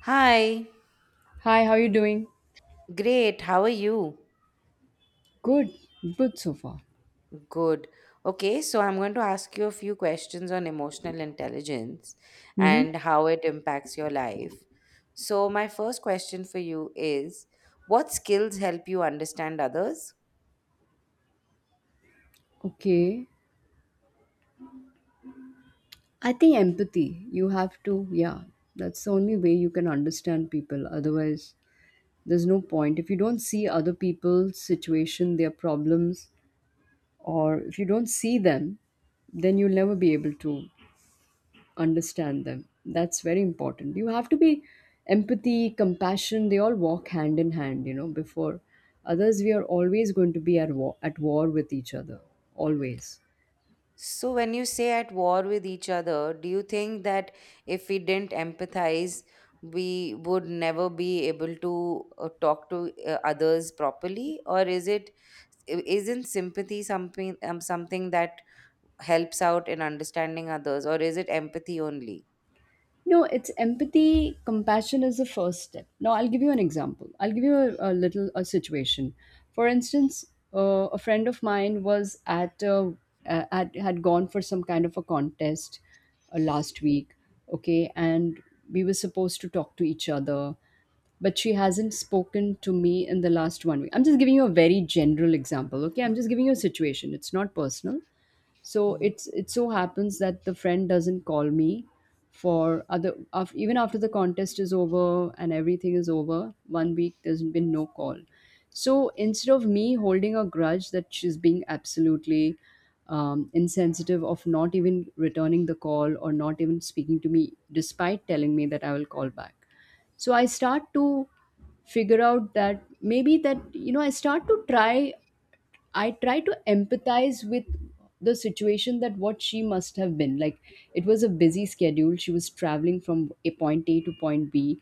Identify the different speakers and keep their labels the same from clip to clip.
Speaker 1: Hi,
Speaker 2: Hi, how you doing?
Speaker 1: great. How are you?
Speaker 2: Good, good so far.
Speaker 1: Good. Okay, so I'm going to ask you a few questions on emotional intelligence
Speaker 2: Mm-hmm.
Speaker 1: and how it impacts your life. So, my first question for you is, what skills help you understand others?
Speaker 2: Okay. I think empathy, you have to, yeah, that's the only way you can understand people. Otherwise, there's no point. If you don't see other people's situation, their problems, or if you don't see them, then you'll never be able to understand them. That's very important. You have to be empathy, compassion, they all walk hand in hand, before others, we are always going to be at war with each other. Always.
Speaker 1: So, when you say at war with each other, do you think that if we didn't empathize, we would never be able to talk to others properly? Or isn't sympathy something that helps out in understanding others, or is it empathy only?
Speaker 2: No, it's empathy. Compassion is the first step. Now, I'll give you an example. I'll give you a little a situation. For instance, a friend of mine had gone for some kind of a contest last week. Okay, and we were supposed to talk to each other, but she hasn't spoken to me in the last one week. I'm just giving you a very general example. Okay, I'm just giving you a situation. It's not personal. So
Speaker 1: Mhm.
Speaker 2: it's it so happens that the friend doesn't call me for other af even after the contest is over and everything is over. One week, there's been no call. So instead of me holding a grudge that she's being absolutely insensitive of not even returning the call or not even speaking to me despite telling me that I will call back. So I start to figure out that, maybe, that you know I start to try I try to empathize with the situation, that what she must have been. Like, it was a busy schedule. She was traveling from a point A to point B,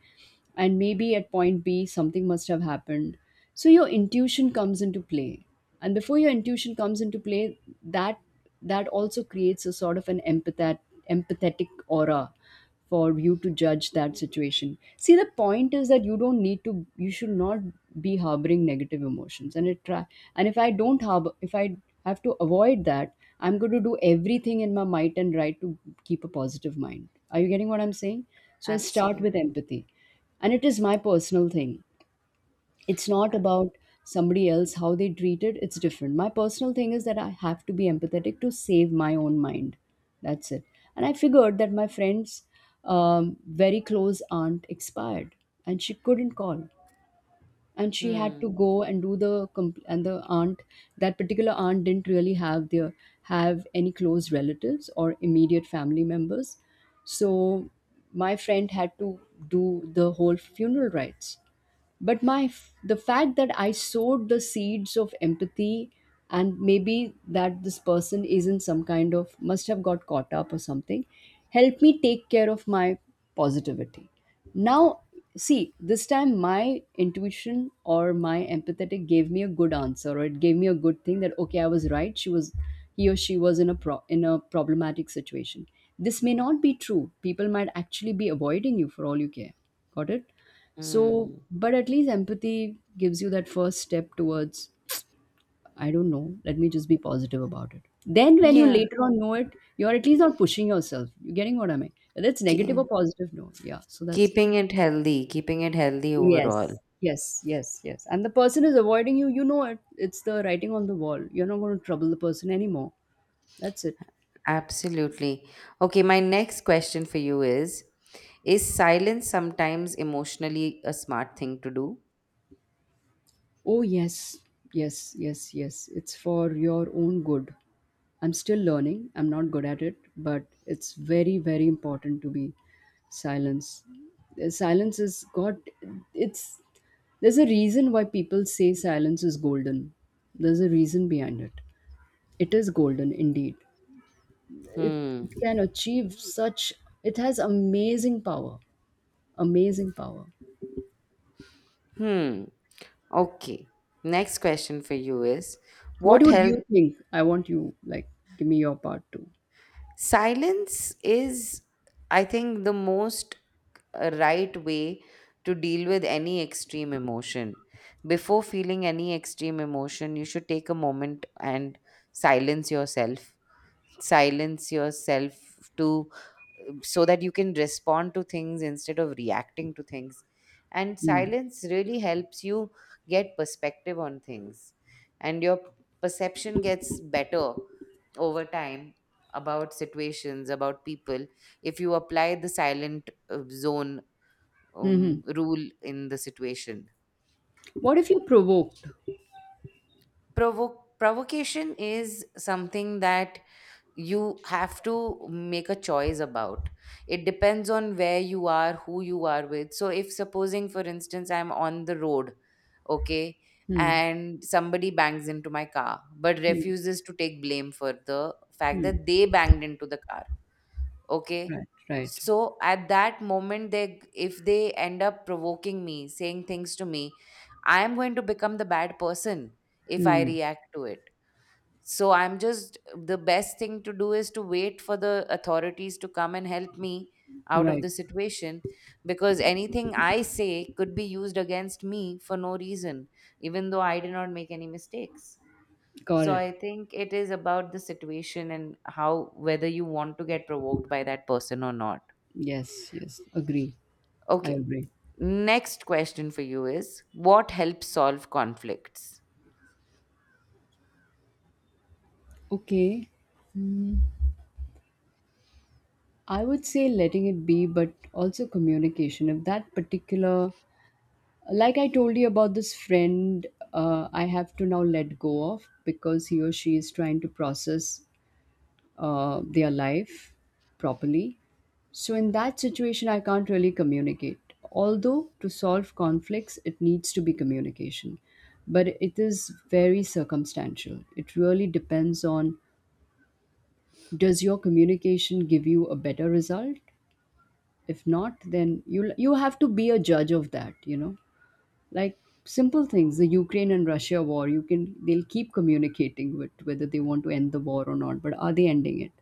Speaker 2: and maybe at point B something must have happened. So your intuition comes into play. And before your intuition comes into play, that also creates a sort of an empathetic aura for you to judge that situation. See, the point is that you don't need to, you should not be harboring negative emotions. And it try and if I don't harbor, if I have to avoid that, I'm going to do everything in my might and right to keep a positive mind. Are you getting what I'm saying? So I start with
Speaker 1: Absolutely.
Speaker 2: empathy, and it is my personal thing. It's not
Speaker 1: Uh,
Speaker 2: about somebody else, how they treat it, it's different. My personal thing is that I have to be empathetic to save my own mind. That's it. And I figured that my friend's very close aunt expired, and she couldn't call. And she had to
Speaker 1: Hmm.
Speaker 2: go and the aunt, that particular aunt, didn't really have any close relatives or immediate family members. So my friend had to do the whole funeral rites. But my, the fact that I sowed the seeds of empathy and maybe that this person is in some kind of must have got caught up or something, helped me take care of my positivity. Now, see, this time my intuition or my empathetic gave me a good answer, or it gave me a good thing, that okay, I was right. She was, he or she was in a problematic situation. This may not be true. People might actually be avoiding you, for all you care. Got it. So,
Speaker 1: Hmm.
Speaker 2: but at least empathy gives you that first step towards, I don't know, let me just be positive about it. Then, when you
Speaker 1: Yeah.
Speaker 2: later on know it, you're at least not pushing yourself. You're getting what I mean? Whether it's negative
Speaker 1: Ke-
Speaker 2: or positive, no. Yeah, so that's it.
Speaker 1: keeping it healthy overall.
Speaker 2: Yes, yes, yes, yes. And the person is avoiding you, you know it. It's the writing on the wall. You're not going to trouble the person anymore. That's it.
Speaker 1: Absolutely. Okay, my next question for you is silence sometimes emotionally a smart thing to do?
Speaker 2: Oh, yes, yes, yes, yes. It's for your own good. I'm still learning. I'm not good at it, but it's very, very important to be silence. Silence it's, there's a reason why people say silence is golden. There's a reason behind it. It is golden indeed. It,
Speaker 1: Hmm.
Speaker 2: it can achieve such, it has amazing power. Amazing power.
Speaker 1: Hmm. Okay. Next question for you is,
Speaker 2: What
Speaker 1: what
Speaker 2: would
Speaker 1: help?
Speaker 2: you think? I want you, like, give me your part too.
Speaker 1: Silence is, I think, the most a right way to deal with any extreme emotion. Before feeling any extreme emotion, you should take a moment and silence yourself. Silence yourself to, so that you can respond to things instead of reacting to things. And
Speaker 2: Hmm.
Speaker 1: silence really helps you get perspective on things, and your perception gets better over time about situations, about people, if you apply the silent zone
Speaker 2: Mhm.
Speaker 1: rule in the situation.
Speaker 2: What if you provoked?
Speaker 1: Provocation is something that you have to make a choice about. It depends on where you are, who you are with. So, if supposing, for instance, I'm on the road, okay,
Speaker 2: Hmm.
Speaker 1: and somebody bangs into my car but
Speaker 2: Hmm.
Speaker 1: refuses to take blame for the fact
Speaker 2: Mm.
Speaker 1: that they banged into the car, okay,
Speaker 2: Right, right.
Speaker 1: so at that moment, they if they end up provoking me, saying things to me, I am going to become the bad person if I
Speaker 2: Hmm.
Speaker 1: react to it. So I'm just the best thing to do is to wait for the authorities to come and help me out of
Speaker 2: Right.
Speaker 1: the situation, because anything I say could be used against me for no reason, even though I did not make any mistakes.
Speaker 2: Got
Speaker 1: So
Speaker 2: it.
Speaker 1: I think it is about the situation and how whether you want to get provoked by that person or not.
Speaker 2: Yes, yes. Agree. I
Speaker 1: Okay.
Speaker 2: agree.
Speaker 1: Next question for you is, what helps solve conflicts?
Speaker 2: Okay. Hmm. I would say letting it be, but also communication. If that particular, like I told you about this friend, I have to now let go of because he or she is trying to process their life properly. So, in that situation, I can't really communicate. Although, to solve conflicts, it needs to be communication. But it is very circumstantial. It really depends on, does your communication give you a better result? If not, then you have to be a judge of that, you know? Like simple things, the Ukraine and Russia war, you can, they'll keep communicating with whether they want to end the war or not, but are they ending it?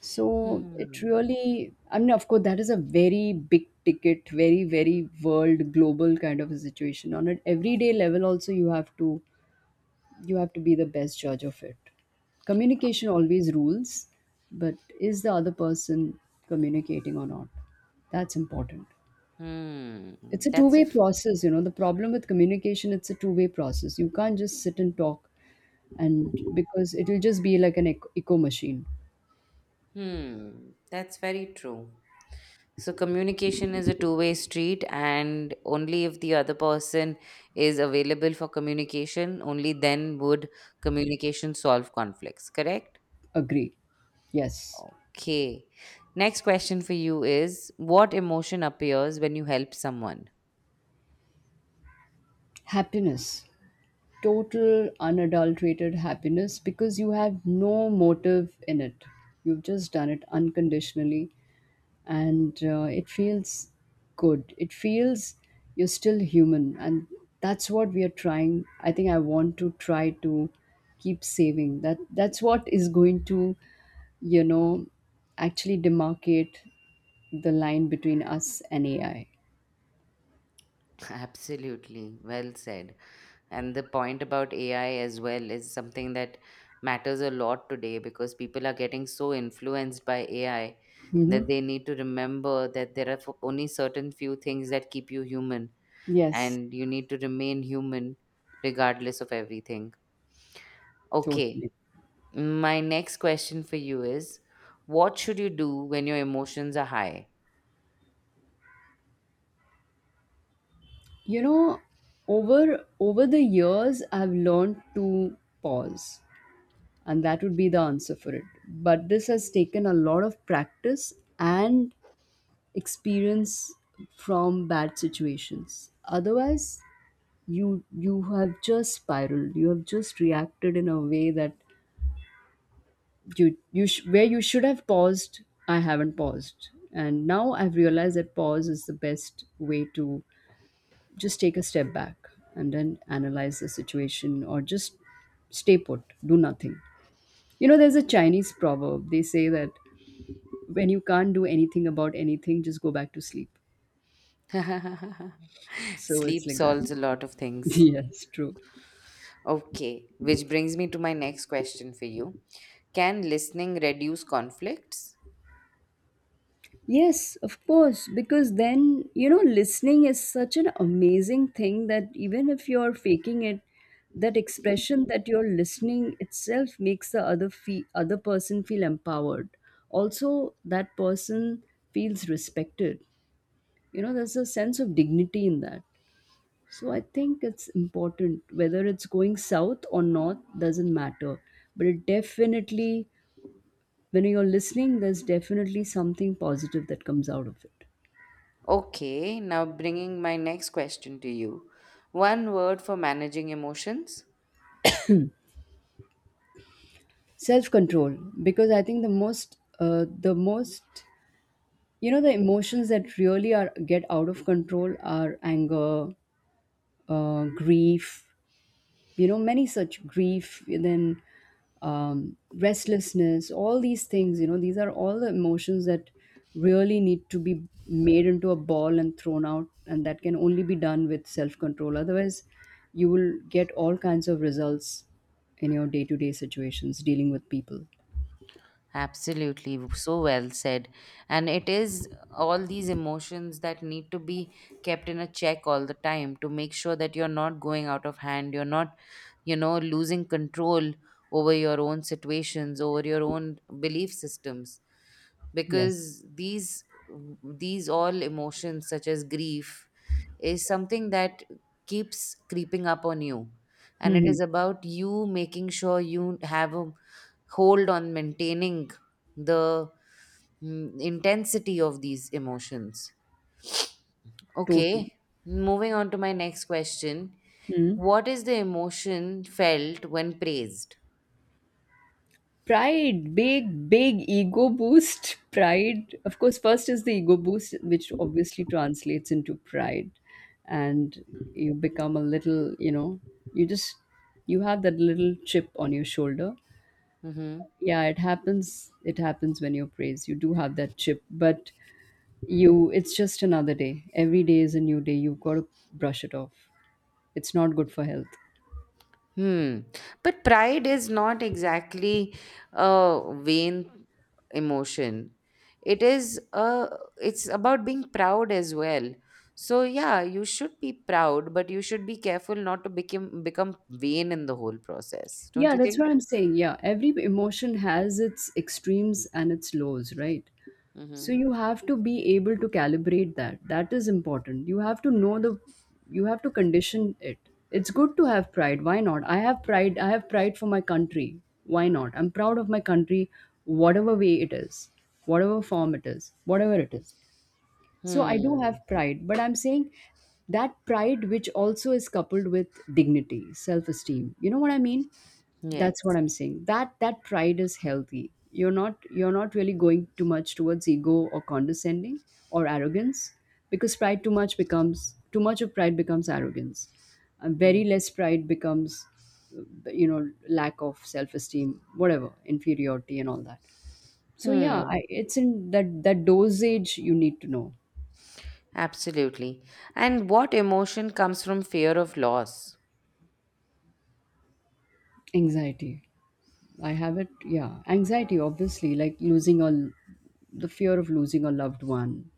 Speaker 2: So it
Speaker 1: Hmm.
Speaker 2: really, I mean, of course, that is a very big ticket, very, very world global kind of a situation. On an everyday level, also, you have to be the best judge of it. Communication always rules, but is the other person communicating or not? That's important.
Speaker 1: Hmm.
Speaker 2: It's a
Speaker 1: That's a
Speaker 2: two-way
Speaker 1: f-
Speaker 2: process, you know. The problem with communication, it's a two-way process. You can't just sit and talk, and because it will just be like an echo, echo machine.
Speaker 1: hmm. That's very true. So communication is a two-way street, and only if the other person is available for communication, only then would communication solve conflicts, correct?
Speaker 2: Agree. Yes.
Speaker 1: Okay. Next question for you is, what emotion appears when you help someone?
Speaker 2: Happiness. Total unadulterated happiness, because you have no motive in it. You've just done it unconditionally. And it feels good. It feels, you're still human, and that's what we are trying. I think I want to try to keep saving that. That's what is going to, you know, actually demarcate the line between us and AI.
Speaker 1: Absolutely. Well said. And the point about AI as well is something that matters a lot today, because people are getting so influenced by AI
Speaker 2: Hmm.
Speaker 1: that they need to remember that there are only certain few things that keep you human,
Speaker 2: Yes.
Speaker 1: and you need to remain human regardless of everything. Okay.
Speaker 2: Totally.
Speaker 1: My next question for you is, what should you do when your emotions are high?
Speaker 2: You know, over the years, I've learned to pause, and that would be the answer for it. But this has taken a lot of practice and experience from bad situations. Otherwise, you have just spiraled, you have just reacted in a way that, where you should have paused. I haven't paused, and now I've realized that pause is the best way to just take a step back and then analyze the situation, or just stay put, do nothing. You know, there's a Chinese proverb. They say that when you can't do anything about anything, just go back to sleep. So it's
Speaker 1: Sleep
Speaker 2: like that.
Speaker 1: solves a lot of things.
Speaker 2: Yes, true.
Speaker 1: Okay, which brings me to my next question for you. Can listening reduce conflicts?
Speaker 2: Yes, of course. Because then, you know, listening is such an amazing thing that even if you're faking it, that expression that you're listening itself makes the other person feel empowered. Also, that person feels respected. You know, there's a sense of dignity in that. So I think it's important, whether it's going south or north doesn't matter, but it definitely, when you're listening, there's definitely something positive that comes out of it.
Speaker 1: Okay, now bringing my next question to you. One word for managing emotions?
Speaker 2: Self control because I think the most, the emotions that really are get out of control are anger, grief, you know, many such, grief, then restlessness, all these things, these are all the emotions that really need to be made into a ball and thrown out. And that can only be done with self control otherwise you will get all kinds of results in your day to day situations dealing with people.
Speaker 1: Absolutely, so well said. And it is all these emotions that need to be kept in a check all the time to make sure that you're not going out of hand, you're not, you know, losing control over your own situations, over your own belief systems.
Speaker 2: Yes.
Speaker 1: Because these all emotions such as grief is something that keeps creeping up on you, and it
Speaker 2: Mhm.
Speaker 1: is about you making sure you have a hold on maintaining the, mm, intensity of these emotions.
Speaker 2: Totally.
Speaker 1: Okay, moving on to my next question.
Speaker 2: Mhm.
Speaker 1: What is the emotion felt when praised?
Speaker 2: Pride. Big, big ego boost. Pride, of course. First is the ego boost, which obviously translates into pride. And you become a little, you just, you have that little chip on your shoulder.
Speaker 1: Mm-hmm.
Speaker 2: Yeah, it happens. It happens when you're praised. You do have that chip, but you, it's just another day. Every day is a new day. You've got to brush it off. It's not good for health.
Speaker 1: Hmm. But pride is not exactly a vain emotion. It is, uh, it's about being proud as well. So yeah, you should be proud, but you should be careful not to become vain in the whole process. Don't
Speaker 2: Yeah,
Speaker 1: you
Speaker 2: that's what
Speaker 1: think?
Speaker 2: I'm saying. Yeah, every emotion has its extremes and its lows, right? So
Speaker 1: Mm-hmm.
Speaker 2: you have to be able to calibrate that. That is important. You have to know the, you have to condition it. It's good to have pride. Why not? I have pride. I have pride for my country. Why not? I'm proud of my country, whatever way it is, whatever form it is, whatever it is. So I do
Speaker 1: Hmm.
Speaker 2: have pride, but I'm saying that pride which also is coupled with dignity, self-esteem. You know what I mean? That's
Speaker 1: Yes.
Speaker 2: what I'm saying. That pride is healthy. You're not really going too much towards ego, or condescending, or arrogance. Because pride too much becomes, too much of pride becomes arrogance. And
Speaker 1: Hmm.
Speaker 2: very less pride becomes lack of self-esteem, whatever, inferiority and all that. So yeah, I,
Speaker 1: Hmm.
Speaker 2: it's in that dosage you need to know.
Speaker 1: Absolutely. And what emotion comes from fear of loss?
Speaker 2: Anxiety. I have it, yeah. Anxiety, obviously, like losing all, the fear of losing a loved one.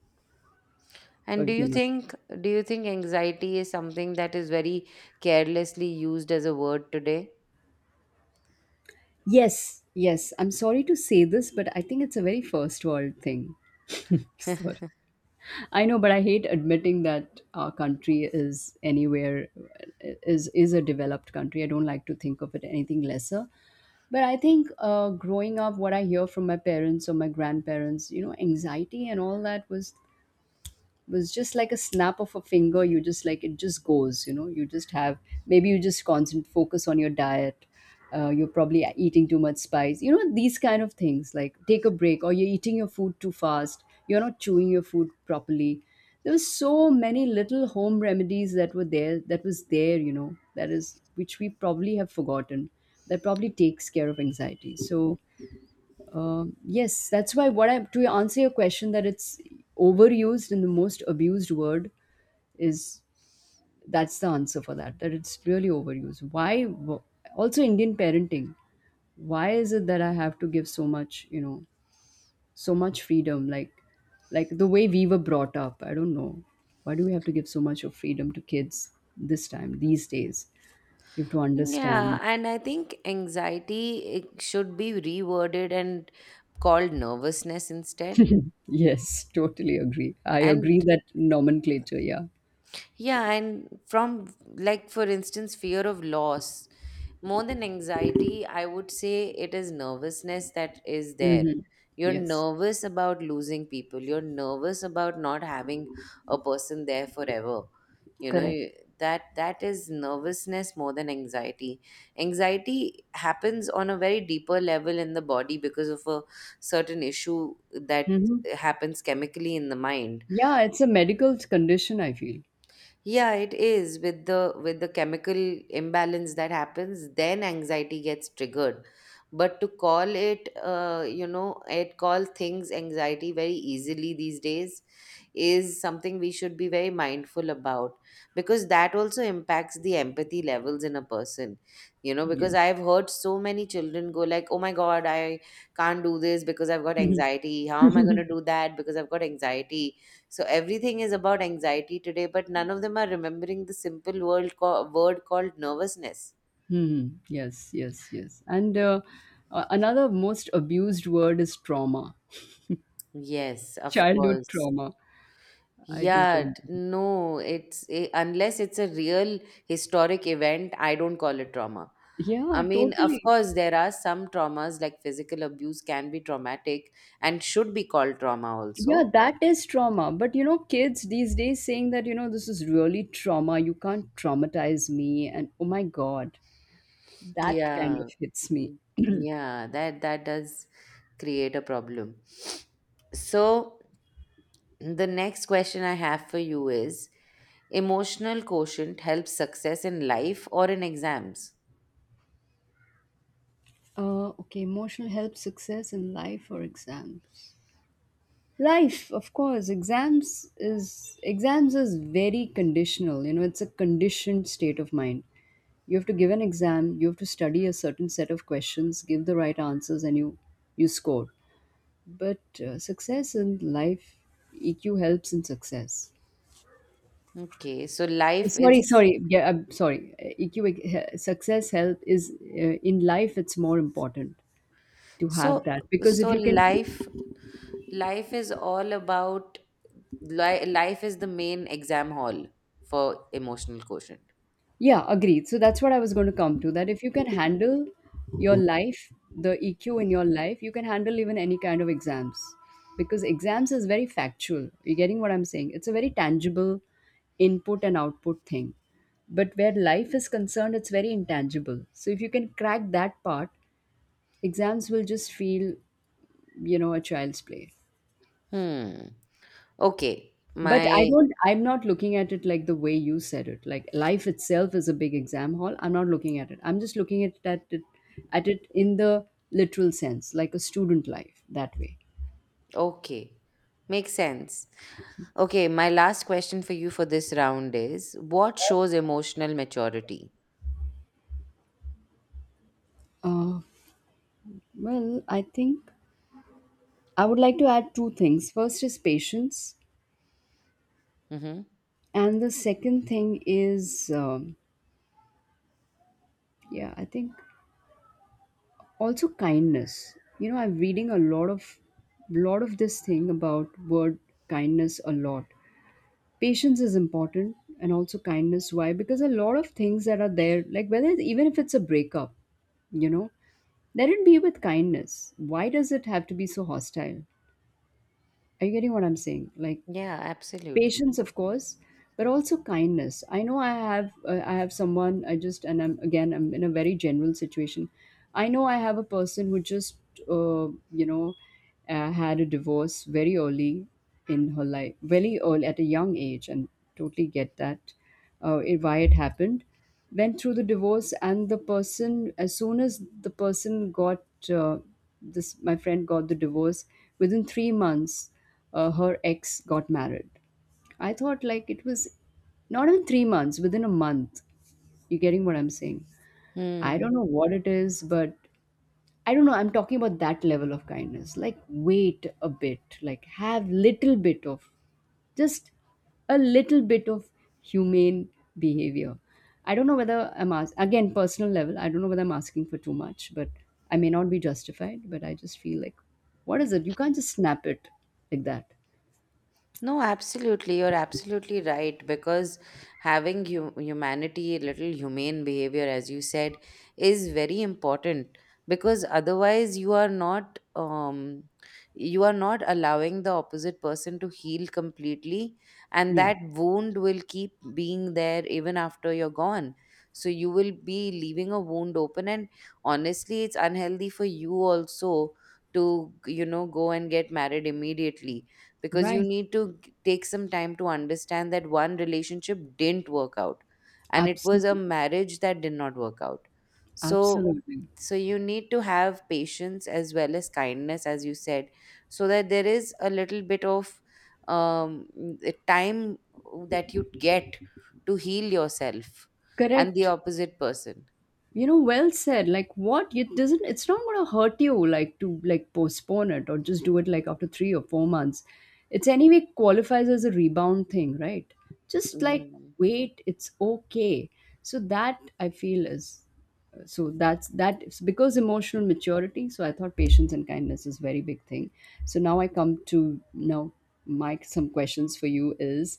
Speaker 2: Or,
Speaker 1: And do
Speaker 2: you
Speaker 1: you
Speaker 2: know.
Speaker 1: think do you think anxiety is something that is very carelessly used as a word today?
Speaker 2: Yes, yes. I'm sorry to say this, but I think it's a very first world thing. Sorry. I know, but I hate admitting that our country is anywhere is a developed country. I don't like to think of it anything lesser. But I think growing up, what I hear from my parents or my grandparents, you know, anxiety and all that was just like a snap of a finger. You just like it just goes, you know. You just have maybe you just constant focus on your diet. You're probably eating too much spice, you know, these kind of things, like take a break, or you're eating your food too fast, you're not chewing your food properly. There was so many little home remedies that were there, that was there, you know, that is which we probably have forgotten, that probably takes care of anxiety. So yes, that's why what I to answer your question, that it's overused and the most abused word is, that's the answer for that, that it's really overused. Why also Indian parenting? Why is it that I have to give so much, you know, so much freedom, like the way we were brought up? I don't know, why do we have to give so much of freedom to kids this time these days? You have to
Speaker 1: Yeah,
Speaker 2: understand.
Speaker 1: and I think anxiety, it should be reworded and called nervousness instead.
Speaker 2: Yes, totally agree. I
Speaker 1: And
Speaker 2: agree that nomenclature. Yeah.
Speaker 1: yeah, and from, like, for instance, fear of loss, more than anxiety, I would say it is nervousness that is there.
Speaker 2: Hmm.
Speaker 1: You're
Speaker 2: Yes.
Speaker 1: nervous about losing people. You're nervous about not having a person there forever. You know,
Speaker 2: Correct.
Speaker 1: you- that that is nervousness more than anxiety. Anxiety happens on a very deeper level in the body because of a certain issue that
Speaker 2: Mhm.
Speaker 1: happens chemically in the mind.
Speaker 2: Yeah, it's a medical condition, I feel.
Speaker 1: Yeah, it is with the, with the chemical imbalance that happens, then anxiety gets triggered. But to call it, you know, it call things anxiety very easily these days is something we should be very mindful about, because that also impacts the empathy levels in a person. You know,
Speaker 2: Yes.
Speaker 1: because I've heard so many children go like, "Oh my God, I can't do this because I've got anxiety. How am I going to do that because I've got anxiety?" So everything is about anxiety today, but none of them are remembering the simple word called nervousness.
Speaker 2: Mhm. Yes, yes, yes. And another most abused word is trauma,
Speaker 1: Yes, of
Speaker 2: childhood
Speaker 1: course.
Speaker 2: trauma. I just don't.
Speaker 1: No, it's, eh, unless it's a real historic event, I don't call it trauma.
Speaker 2: Yeah,
Speaker 1: I mean, of
Speaker 2: totally.
Speaker 1: course, there are some traumas like physical abuse can be traumatic and should be called trauma also.
Speaker 2: Yeah, that is trauma. But you know, kids these days saying that, you know, this is really trauma. You can't traumatize me. And oh my God, that kind of
Speaker 1: Yeah,
Speaker 2: hits me.
Speaker 1: yeah, that that does create a problem. So, the next question I have for you is, emotional quotient helps success in life or in exams?
Speaker 2: Okay, emotional help, success in life or exams. Life, of course. Exams is very conditional. You know, it's a conditioned state of mind. You have to give an exam, you have to study a certain set of questions, give the right answers, and you score. But success in life, EQ helps in success.
Speaker 1: Okay, so
Speaker 2: Uh,
Speaker 1: life
Speaker 2: Sorry,
Speaker 1: is,
Speaker 2: sorry, yeah, I'm sorry. EQ success help is in life. It's more important to
Speaker 1: so
Speaker 2: have that because if
Speaker 1: so
Speaker 2: you can.
Speaker 1: life, life is all about li- life is the main exam hall for emotional quotient.
Speaker 2: Yeah, agreed. So that's what I was going to come to, that if you can handle your life, the EQ in your life, you can handle even any kind of exams, because exams is very factual. You're getting what I'm saying? It's a very tangible input and output thing. But where life is concerned, it's very intangible. So if you can crack that part, exams will just feel, you know, a child's play.
Speaker 1: Hmm. Okay.
Speaker 2: But I
Speaker 1: My
Speaker 2: don't, I'm not looking at it like the way you said it, like life itself is a big exam hall. I'm not looking at it. I'm just looking at it at it in the literal sense, like a student life that way.
Speaker 1: okay. Makes sense. Okay, my last question for you for this round is, what shows emotional maturity?
Speaker 2: Uh, well, I think I would like to add two things. First is patience,
Speaker 1: Mm-hmm.
Speaker 2: and the second thing is, yeah, I think also kindness. You know, I'm reading a lot of this thing about word kindness a lot. Patience is important and also kindness, why? Because a lot of things that are there, like whether even if it's a breakup, you know, let it be with kindness. Why does it have to be so hostile? Are you getting what I'm saying? Like
Speaker 1: Yeah, absolutely.
Speaker 2: patience, of course, but also kindness. I know I have I have someone, I just, and I'm, again, I'm in a very general situation. I know I have a person who just, uh, you know, had a divorce very early in her life, very early at a young age, and totally get that, why it happened, went through the divorce, and the person, as soon as the person got this, my friend got the divorce, within 3 months her ex got married. I thought like it was not even 3 months, within a month. You're getting what I'm saying? I
Speaker 1: Hmm.
Speaker 2: don't know what it is, but I don't know. I'm talking about that level of kindness. Like, wait a bit. Like, have little bit of just a little bit of humane behavior. I don't know whether I'm ask again personal level. I don't know whether I'm asking for too much, but I may not be justified. But I just feel like, what is it? You can't just snap it like that.
Speaker 1: No, absolutely. You're absolutely right, because having humanity, a little humane behavior, as you said, is very important, because otherwise you are not allowing the opposite person to heal completely, and
Speaker 2: Yeah.
Speaker 1: that wound will keep being there even after you're gone. So you will be leaving a wound open, and honestly it's unhealthy for you also to, you know, go and get married immediately, because you
Speaker 2: Right.
Speaker 1: need to take some time to understand that one relationship didn't work out, and it was a
Speaker 2: Absolutely.
Speaker 1: marriage that did not work out. So,
Speaker 2: Absolutely.
Speaker 1: so you need to have patience as well as kindness, as you said, so that there is a little bit of, um, the time that you get to heal yourself and the
Speaker 2: Correct.
Speaker 1: opposite person.
Speaker 2: You know, well said. Like what? It doesn't, it's not gonna hurt you, like to like postpone it or just do it like after 3 or 4 months. It's anyway qualifies as a rebound thing, right? Just like
Speaker 1: Mm.
Speaker 2: wait, it's okay. So that I feel is, so that's that is because emotional maturity. So I thought patience and kindness is very big thing. So now I come to now Mike, some questions for you is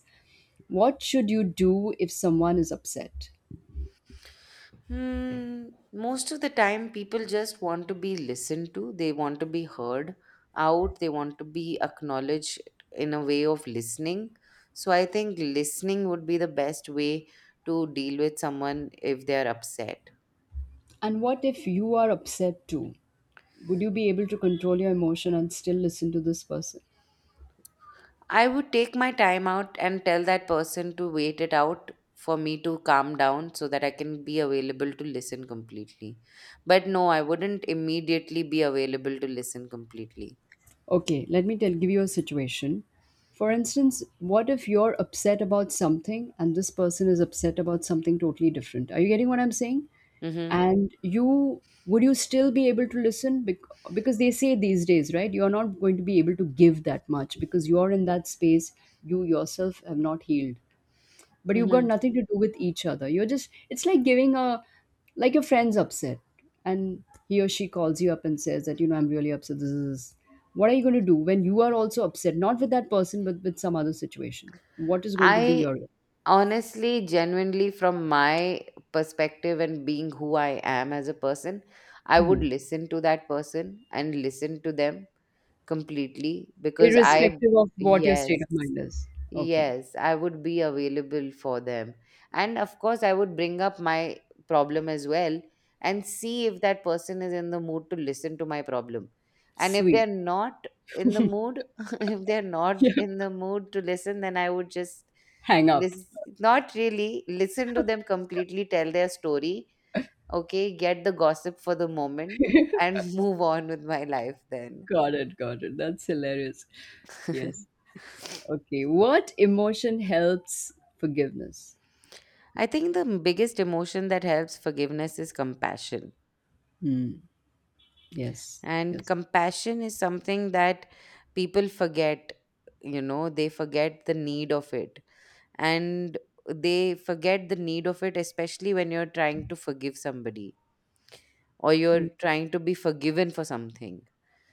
Speaker 2: what should you do if someone is upset?
Speaker 1: Hmm, most of the time, people just want to be listened to. They want to be heard out. They want to be acknowledged in a way of listening. So I think listening would be the best way to deal with someone if they're upset.
Speaker 2: And what if you are upset too? Would you be able to control your emotion and still listen to this person?
Speaker 1: I would take my time out and tell that person to wait it out for me to calm down so that I can be available to listen completely. But no, I wouldn't immediately be available to listen completely.
Speaker 2: Okay, let me tell give you a situation. For instance, what if you're upset about something and this person is upset about something totally different? Are you getting what I'm saying?
Speaker 1: Mm-hmm.
Speaker 2: And you would you still be able to listen because they say these days, right? You are not going to be able to give that much because you are in that space, you yourself have not healed. But you've got
Speaker 1: Mm-hmm.
Speaker 2: nothing to do with each other, you're just, it's like giving a, like your friend's upset and he or she calls you up and says that, you know, I'm really upset, this is, what are you going to do when you are also upset, not with that person but with some other situation? What is going to be
Speaker 1: I
Speaker 2: your?
Speaker 1: Honestly, genuinely, from my perspective and being who I am as a person, I would
Speaker 2: Mhm.
Speaker 1: listen to that person and listen to them completely because I,
Speaker 2: Irrespective of what your state
Speaker 1: yes,
Speaker 2: of mind is. Okay.
Speaker 1: yes, I would be available for them. And of course, I would bring up my problem as well and see if that person is in the mood to listen to my problem. And if
Speaker 2: Sweet.
Speaker 1: they're not in the mood, if they're not
Speaker 2: Yeah.
Speaker 1: in the mood to listen, then I would just
Speaker 2: Hang up.
Speaker 1: listen, not really listen to them completely, tell their story, okay, get the gossip for the moment, and move on with my life then.
Speaker 2: Got it, got it. That's hilarious. Yes. Okay, what emotion helps forgiveness?
Speaker 1: I think the biggest emotion that helps forgiveness is compassion.
Speaker 2: Hmm. Yes.
Speaker 1: And
Speaker 2: Yes.
Speaker 1: compassion is something that people forget, you know, they forget the need of it. And they forget the need of it, especially when you're trying to forgive somebody or you're trying to be forgiven for something.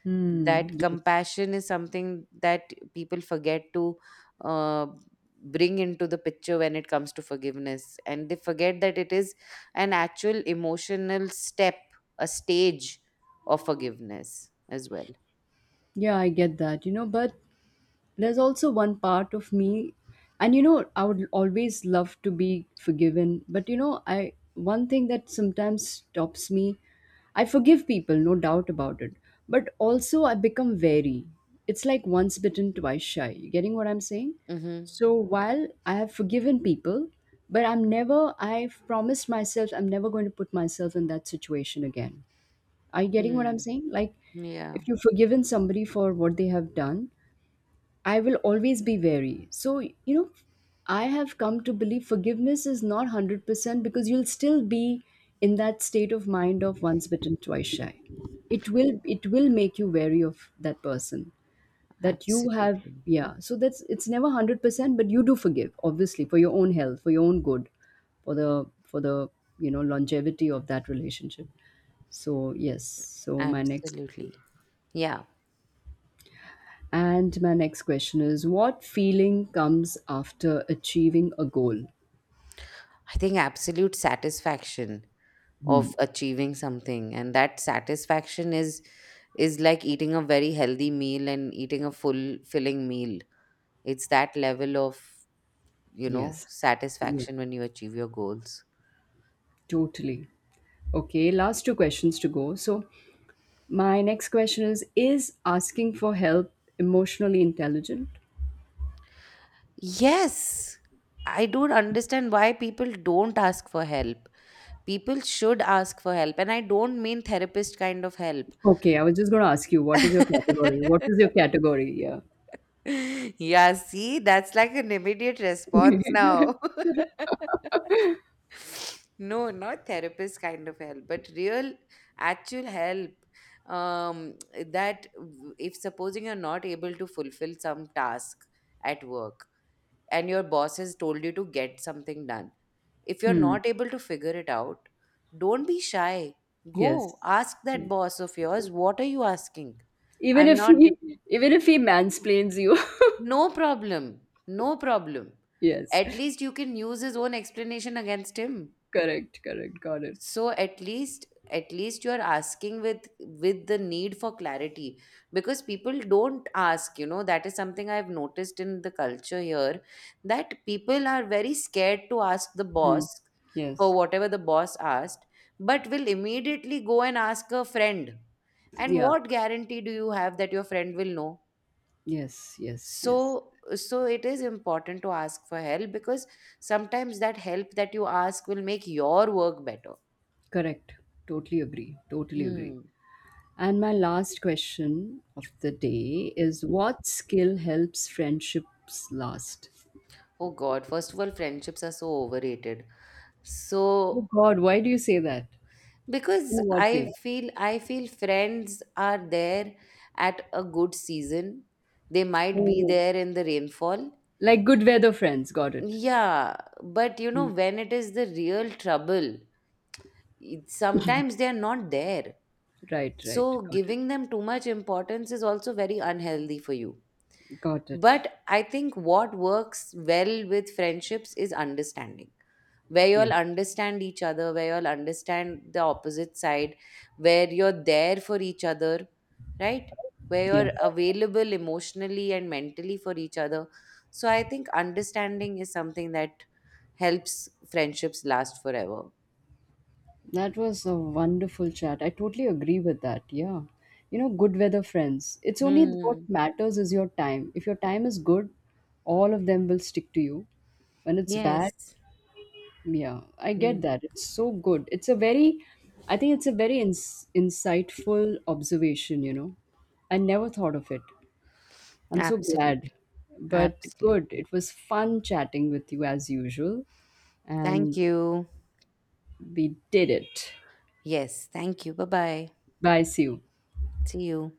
Speaker 2: Hmm.
Speaker 1: That
Speaker 2: Yes.
Speaker 1: compassion is something that people forget to, uh, bring into the picture when it comes to forgiveness. And they forget that it is an actual emotional step, a stage of forgiveness as well.
Speaker 2: Yeah, I get that. You know, but there's also one part of me, and you know, I would always love to be forgiven. But you know, I one thing that sometimes stops me, I forgive people, no doubt about it. But also, I become wary. It's like once bitten, twice shy. You getting what I'm saying?
Speaker 1: Mhm.
Speaker 2: So while I have forgiven people, but I'm never, I've promised myself I'm never going to put myself in that situation again. Are you getting what I'm
Speaker 1: Hmm.
Speaker 2: saying? Like,
Speaker 1: Yeah,
Speaker 2: if you've forgiven somebody for what they have done, I will always be wary. So, you know, I have come to believe forgiveness is not 100% because you'll still be in that state of mind of once bitten, twice shy. It will make you wary of that person that you have,
Speaker 1: absolutely.
Speaker 2: yeah. So that's, it's never 100%, but you do forgive obviously for your own health, for your own good, for the, you know, longevity of that relationship. So, yes. So my next.
Speaker 1: Absolutely. Yeah.
Speaker 2: And my next question is what feeling comes after achieving a goal?
Speaker 1: I think absolute satisfaction of
Speaker 2: Hmm.
Speaker 1: achieving something, and that satisfaction is like eating a very healthy meal and eating a full filling meal. It's that level of, you know,
Speaker 2: Yes. Yeah,
Speaker 1: satisfaction when you achieve your goals.
Speaker 2: totally. Okay, last two questions to go. So, my next question is asking for help emotionally intelligent?
Speaker 1: Yes. I don't understand why people don't ask for help. People should ask for help, and I don't mean therapist kind of help.
Speaker 2: Okay, I was just going to ask you, what is your category? What is your category? Yeah.
Speaker 1: Yeah, see, that's like an immediate response now. No, not therapist kind of help, but real, actual help. That if supposing you're not able to fulfill some task at work and your boss has told you to get something done, if you're
Speaker 2: Hmm.
Speaker 1: not able to figure it out, don't be shy. Go
Speaker 2: Yes.
Speaker 1: ask that
Speaker 2: Yeah.
Speaker 1: boss of yours, what are you asking?
Speaker 2: Even
Speaker 1: I'm
Speaker 2: if
Speaker 1: not
Speaker 2: he even if he mansplains you.
Speaker 1: No problem. No problem.
Speaker 2: Yes.
Speaker 1: At least you can use his own explanation against him.
Speaker 2: Correct, correct. Got it.
Speaker 1: So at least, at least you are asking with the need for clarity, because people don't ask, you know, that is something I've noticed in the culture here, that people are very scared to ask the
Speaker 2: Hmm.
Speaker 1: boss for
Speaker 2: Yes.
Speaker 1: whatever the boss asked, but will immediately go and ask a friend, and
Speaker 2: Yeah.
Speaker 1: what guarantee do you have that your friend will know?
Speaker 2: Yes, yes,
Speaker 1: So,
Speaker 2: yes.
Speaker 1: so it is important to ask for help, because sometimes that help that you ask will make your work better.
Speaker 2: Correct. Totally agree. Totally agree.
Speaker 1: Hmm.
Speaker 2: And my last question of the day is what skill helps friendships last?
Speaker 1: Oh god, first of all, friendships are so overrated. So,
Speaker 2: Oh God, why do you say that? In
Speaker 1: because
Speaker 2: what way?
Speaker 1: I feel friends are there at a good season, they might be
Speaker 2: Oh,
Speaker 1: there in the rainfall.
Speaker 2: like good weather friends. Got it.
Speaker 1: Yeah, but you know,
Speaker 2: Mm.
Speaker 1: when it is the real trouble, it, sometimes they are not there.
Speaker 2: Right, right.
Speaker 1: So
Speaker 2: Got it.
Speaker 1: giving them too much importance is also very unhealthy for you.
Speaker 2: Got it.
Speaker 1: But I think what works well with friendships is understanding, where you
Speaker 2: Yes,
Speaker 1: all understand each other, where you all understand the opposite side, where you're there for each other, right? Where
Speaker 2: yes.
Speaker 1: you're available emotionally and mentally for each other. So I think understanding is something that helps friendships last forever.
Speaker 2: That was a wonderful chat. I totally agree with that. Yeah. You know, good weather friends. It's only what
Speaker 1: Hmm.
Speaker 2: matters is your time. If your time is good, all of them will stick to you. When it's bad,
Speaker 1: Yes.
Speaker 2: yeah, I
Speaker 1: Hmm.
Speaker 2: get that. It's so good. It's a very, I think it's a very insightful observation, you know. I never thought of it. I'm so glad.
Speaker 1: Absolutely.
Speaker 2: But good.
Speaker 1: Absolutely.
Speaker 2: It was fun chatting with you as usual.
Speaker 1: Thank
Speaker 2: And
Speaker 1: you.
Speaker 2: we did it.
Speaker 1: Yes, thank you. Bye bye.
Speaker 2: Bye. See you.
Speaker 1: See you.